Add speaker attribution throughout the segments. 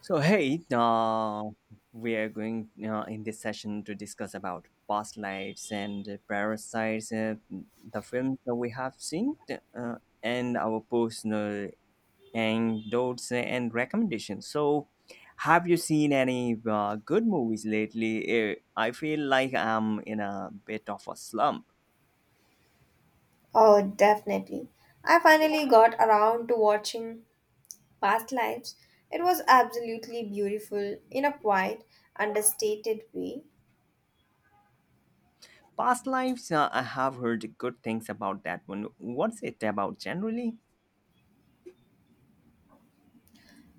Speaker 1: So hey, we are going in this session to discuss about past lives and parasites, the films that we have seen, uh, and our personal anecdotes and recommendations. So, have you seen any good movies lately? I feel like I'm in a bit of a slump.
Speaker 2: Oh, definitely. I finally got around to watching Past Lives. It was absolutely beautiful in a quiet, understated way.
Speaker 1: Past lives, I have heard good things about that one. What's it about generally?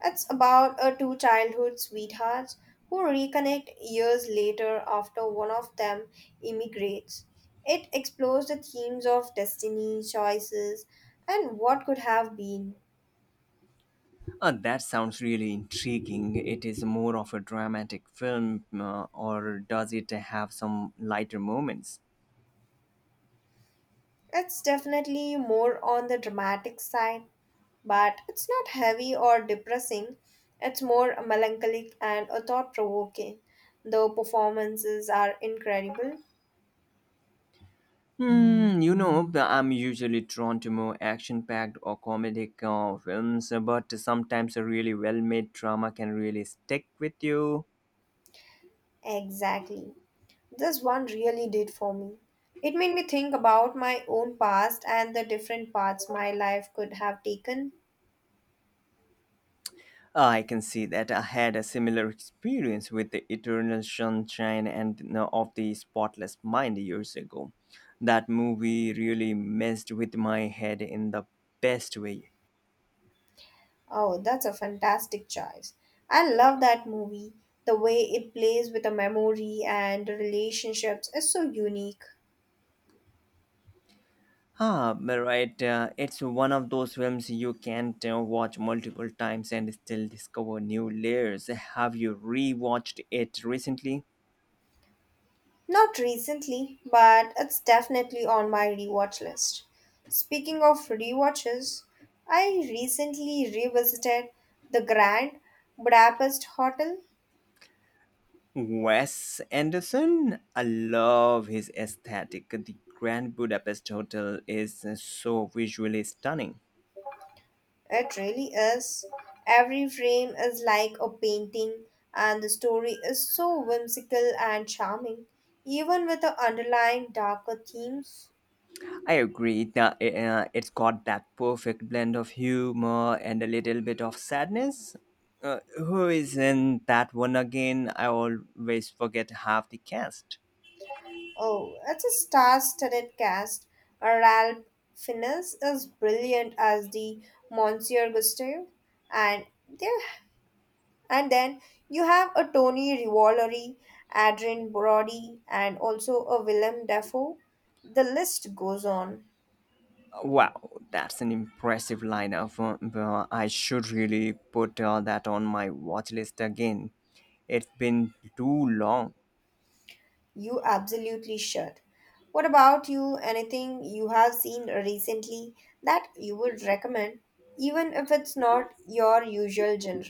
Speaker 2: It's about a two childhood sweethearts who reconnect years later after one of them immigrates. It explores the themes of destiny, choices, and what could have been.
Speaker 1: That sounds really intriguing. It is more of a dramatic film, or does it have some lighter moments?
Speaker 2: It's definitely more on the dramatic side, but it's not heavy or depressing. It's more melancholic and a thought provoking. The performances are incredible.
Speaker 1: You know, I'm usually drawn to more action packed or comedic films, but sometimes a really well made drama can really stick with you.
Speaker 2: Exactly. This one really did for me. It made me think about my own past and the different paths my life could have taken.
Speaker 1: I can see that I had a similar experience with The Eternal Sunshine of the Spotless Mind years ago. That movie really messed with my head in the best way.
Speaker 2: Oh, that's a fantastic choice. I love that movie. The way it plays with the memory and the relationships is so unique.
Speaker 1: Ah, but Right. It's one of those films you can watch multiple times and still discover new layers. Have you rewatched it recently?
Speaker 2: Not recently, but it's definitely on my rewatch list. Speaking of rewatches, I recently revisited The Grand Budapest Hotel.
Speaker 1: Wes Anderson? I love his aesthetic. The Grand Budapest Hotel is so visually stunning.
Speaker 2: It really is. Every frame is like a painting, and the story is so whimsical and charming, even with the underlying darker themes.
Speaker 1: I agree that it's got that perfect blend of humor and a little bit of sadness. Who is in that one again? I always forget half the cast.
Speaker 2: Oh, it's a star-studded cast. Ralph Fiennes is brilliant as the Monsieur Gustav, and there, and then you have a Tony Revolori, Adrien Brody, and also a Willem Dafoe. The list goes on.
Speaker 1: Wow, that's an impressive lineup. But I should really put that on my watch list again. It's been too long.
Speaker 2: You absolutely should. What about you? Anything you have seen recently that you would recommend, even if it's not your usual genre?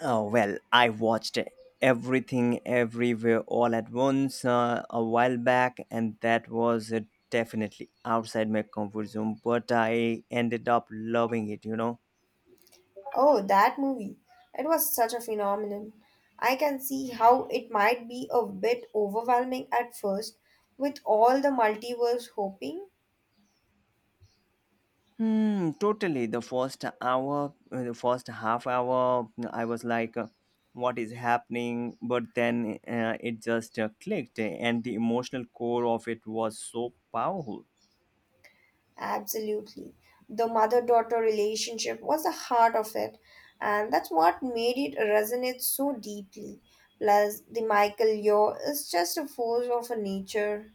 Speaker 1: Oh, well, I watched everything everywhere all at once a while back, and that was definitely outside my comfort zone, but I ended up loving it.
Speaker 2: Oh, that movie. It was such a phenomenon. I can see how it might be a bit overwhelming at first with all the multiverse hoping.
Speaker 1: Totally. The first half hour, I was like, what is happening? But then it just clicked, and the emotional core of it was so powerful.
Speaker 2: Absolutely. The mother daughter relationship was the heart of it, and that's what made it resonate so deeply. Plus, the Michael Yeo is just a force of a nature.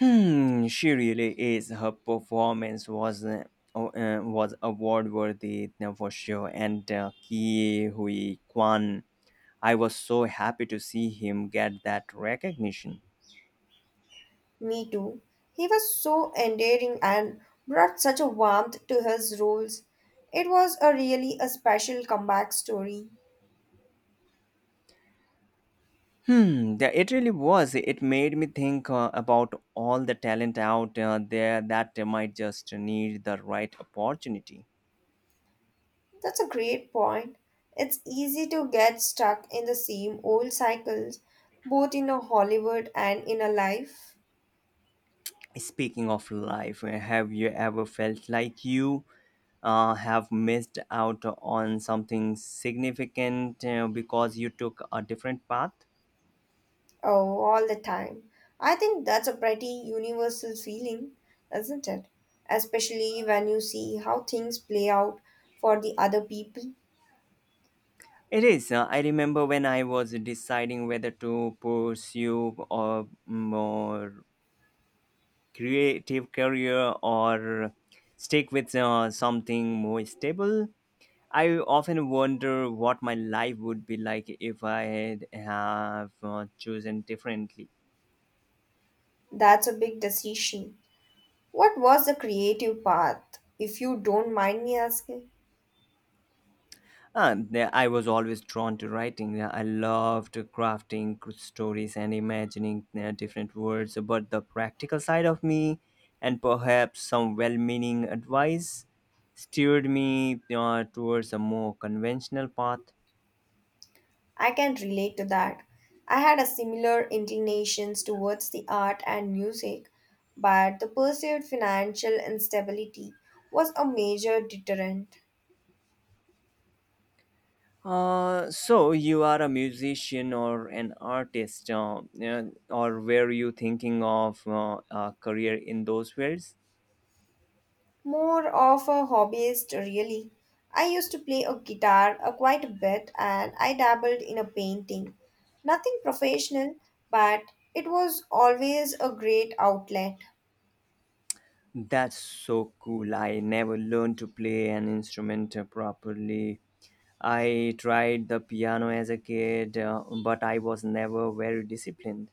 Speaker 1: She really is. Her performance was was award worthy for sure. And Ki Hui Kwan, I was so happy to see him get that recognition.
Speaker 2: Me too. He was so endearing and brought such a warmth to his roles. It was a really a special comeback story.
Speaker 1: That it really was. It made me think about all the talent out there that might just need the right opportunity.
Speaker 2: That's a great point. It's easy to get stuck in the same old cycles, both in a Hollywood and in a life,
Speaker 1: Speaking of life, have you ever felt like you have missed out on something significant because you took a different path?
Speaker 2: oh, all the time. I think that's a pretty universal feeling, isn't it? Especially when you see how things play out for the other people.
Speaker 1: It is. I remember when I was deciding whether to pursue a creative career or stick with something more stable. I often wonder what my life would be like if I had have chosen differently.
Speaker 2: That's a big decision. What was the creative path, if you don't mind me asking?
Speaker 1: I was always drawn to writing. I loved crafting stories and imagining different words, but the practical side of me and perhaps some well meaning advice steered me towards a more conventional path.
Speaker 2: I can relate to that. I had a similar inclinations towards the art and music, but the perceived financial instability was a major deterrent.
Speaker 1: So you are a musician or an artist, yeah, or were you thinking of a career in those fields?
Speaker 2: More of a hobbyist, really. I used to play a guitar quite a bit and I dabbled in a painting. Nothing professional, but it was always a great outlet.
Speaker 1: That's so cool. I never learned to play an instrument properly. I tried the piano as a kid, but I was never very disciplined.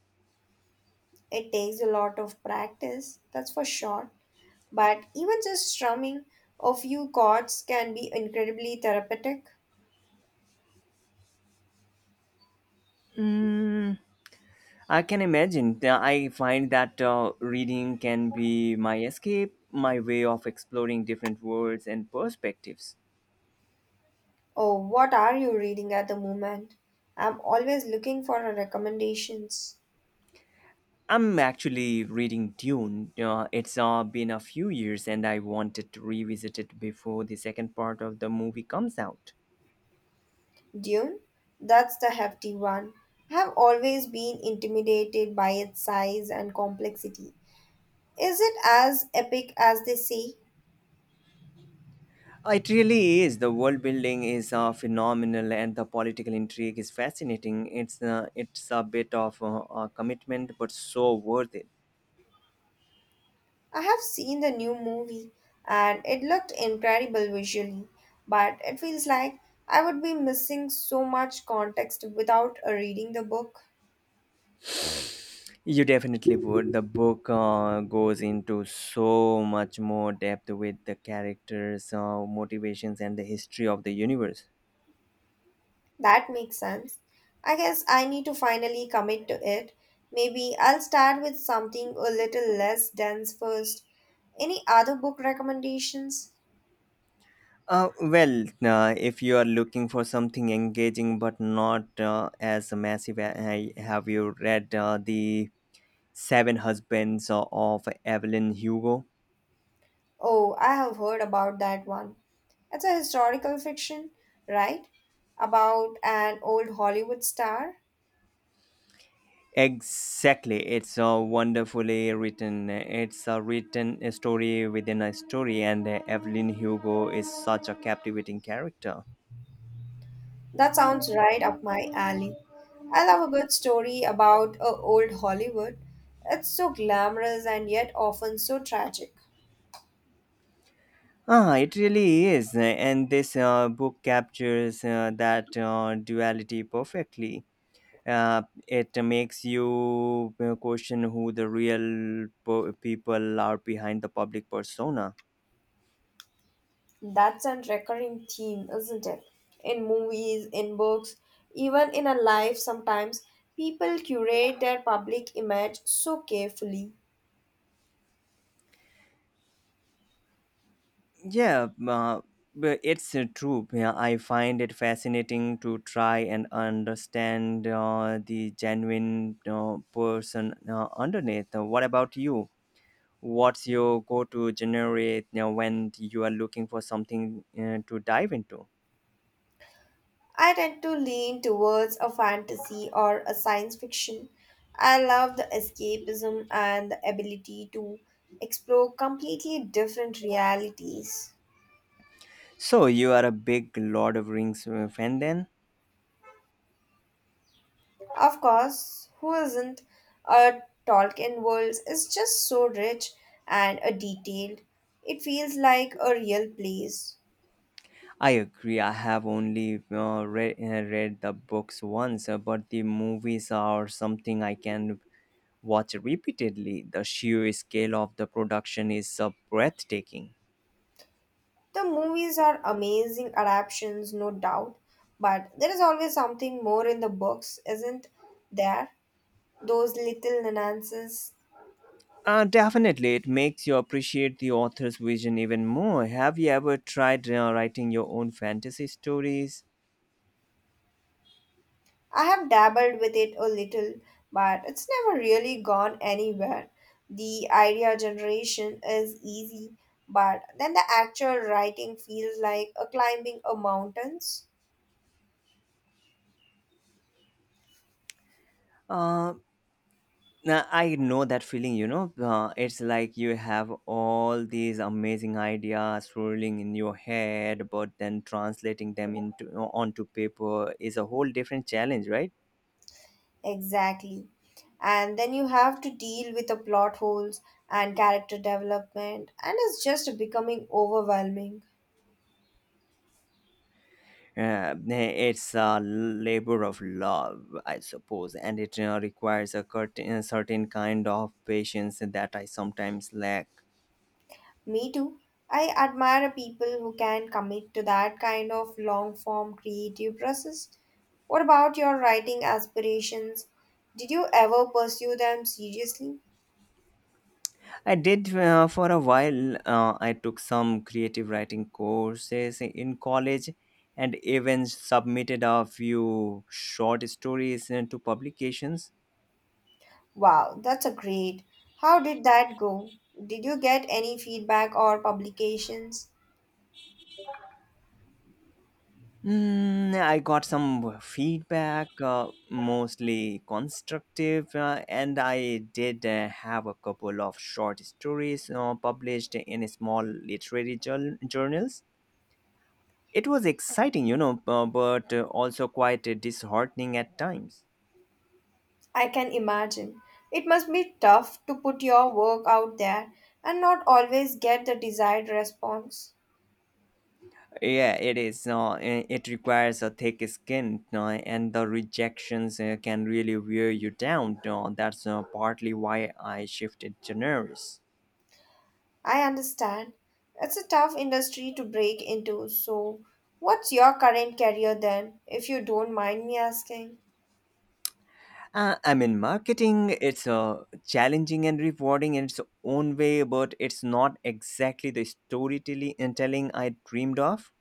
Speaker 2: It takes a lot of practice, that's for sure, but even just strumming a few chords can be incredibly therapeutic.
Speaker 1: I can imagine. I find that reading can be my escape, my way of exploring different worlds and perspectives.
Speaker 2: Oh, what are you reading at the moment? I'm always looking for recommendations.
Speaker 1: I'm actually reading Dune. It's been a few years and I wanted to revisit it before the second part of the movie comes out.
Speaker 2: Dune? That's the hefty one. I have always been intimidated by its size and complexity. Is it as epic as they say?
Speaker 1: It really is. The world building is phenomenal and the political intrigue is fascinating. It's a bit of a commitment, but so worth it.
Speaker 2: I have seen the new movie and it looked incredible visually, but it feels like I would be missing so much context without reading the book.
Speaker 1: You definitely would. The book goes into so much more depth with the characters, motivations, and the history of the universe.
Speaker 2: That makes sense. I guess I need to finally commit to it. Maybe I'll start with something a little less dense first. Any other book recommendations?
Speaker 1: Well, if you are looking for something engaging but not as massive, have you read The Seven Husbands of Evelyn Hugo?
Speaker 2: Oh, I have heard about that one. It's a historical fiction, right? About an old Hollywood star.
Speaker 1: Exactly, it's wonderfully written. It's a written story within a story, and Evelyn Hugo is such a captivating character.
Speaker 2: That sounds right up my alley. I love a good story about a old Hollywood. It's so glamorous and yet often so tragic.
Speaker 1: It really is, and this book captures that duality perfectly. It makes you question who the real people are behind the public persona.
Speaker 2: That's a recurring theme, isn't it? In movies, in books, even in our life sometimes people curate their public image so carefully.
Speaker 1: Yeah, but it's true. Yeah, I find it fascinating to try and understand the genuine person underneath. What about you? What's your go-to generate when you are looking for something to dive into?
Speaker 2: I tend to lean towards a fantasy or a science fiction. I love the escapism and the ability to explore completely different realities.
Speaker 1: So you are a big Lord of Rings fan then?
Speaker 2: Of course, who isn't? A Tolkien world is just so rich and detailed. It feels like a real place.
Speaker 1: I agree. I have only read the books once, but the movies are something I can watch repeatedly. The sheer scale of the production is breathtaking.
Speaker 2: The movies are amazing adaptations, no doubt, but there is always something more in the books, isn't there? Those little nuances
Speaker 1: Definitely, it makes you appreciate the author's vision even more. Have you ever tried writing your own fantasy stories?
Speaker 2: I have dabbled with it a little, but it's never really gone anywhere. The idea generation is easy, but then the actual writing feels like a climbing a mountains.
Speaker 1: Uh, Now, I know that feeling, it's like you have all these amazing ideas swirling in your head, but then translating them into onto paper is a whole different challenge, right?
Speaker 2: Exactly. And then you have to deal with the plot holes and character development, and it's just becoming overwhelming.
Speaker 1: It's a labor of love, I suppose, and it requires a a certain kind of patience that I sometimes lack.
Speaker 2: Me too. I admire people who can commit to that kind of long form creative process. What about your writing aspirations? Did you ever pursue them seriously?
Speaker 1: I did for a while. I took some creative writing courses in college and even submitted a few short stories into publications.
Speaker 2: Wow, that's a great. How did that go? Did you get any feedback or publications?
Speaker 1: I got some feedback, mostly constructive, and I did have a couple of short stories published in small journals. It was exciting, but also quite disheartening at times.
Speaker 2: I can imagine. It must be tough to put your work out there and not always get the desired response.
Speaker 1: Yeah, it is. No, it requires a thick skin, no, and the rejections can really wear you down. No, that's partly why I shifted genres.
Speaker 2: I understand. It's a tough industry to break into. So, what's your current career then, if you don't mind me asking?
Speaker 1: I mean, marketing it's challenging and rewarding in its own way, but it's not exactly the telling I dreamed of.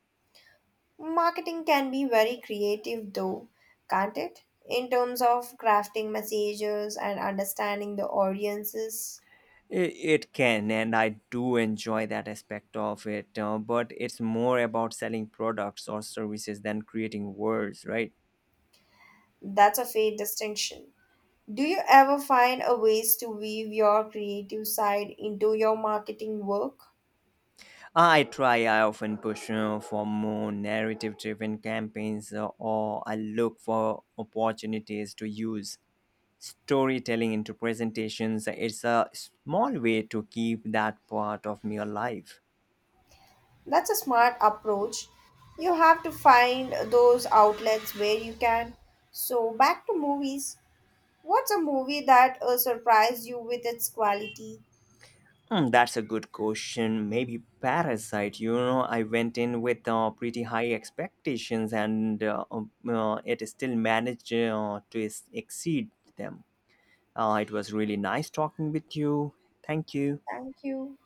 Speaker 2: Marketing can be very creative, though, can't it? In terms of crafting messages and understanding the audiences,
Speaker 1: I- It can, and I do enjoy that aspect of it, but it's more about selling products or services than creating words, right?
Speaker 2: that's a fair distinction. Do you ever find a ways to weave your creative side into your marketing work?
Speaker 1: I try. I often push for more narrative driven campaigns, or I look for opportunities to use storytelling into presentations. It's a small way to keep that part of me alive.
Speaker 2: That's a smart approach. You have to find those outlets where you can. So, back to movies. What's a movie that surprised you with its quality?
Speaker 1: That's a good question. Maybe Parasite. You know, I went in with pretty high expectations and it still managed exceed them. It was really nice talking with you. Thank you.
Speaker 2: Thank you.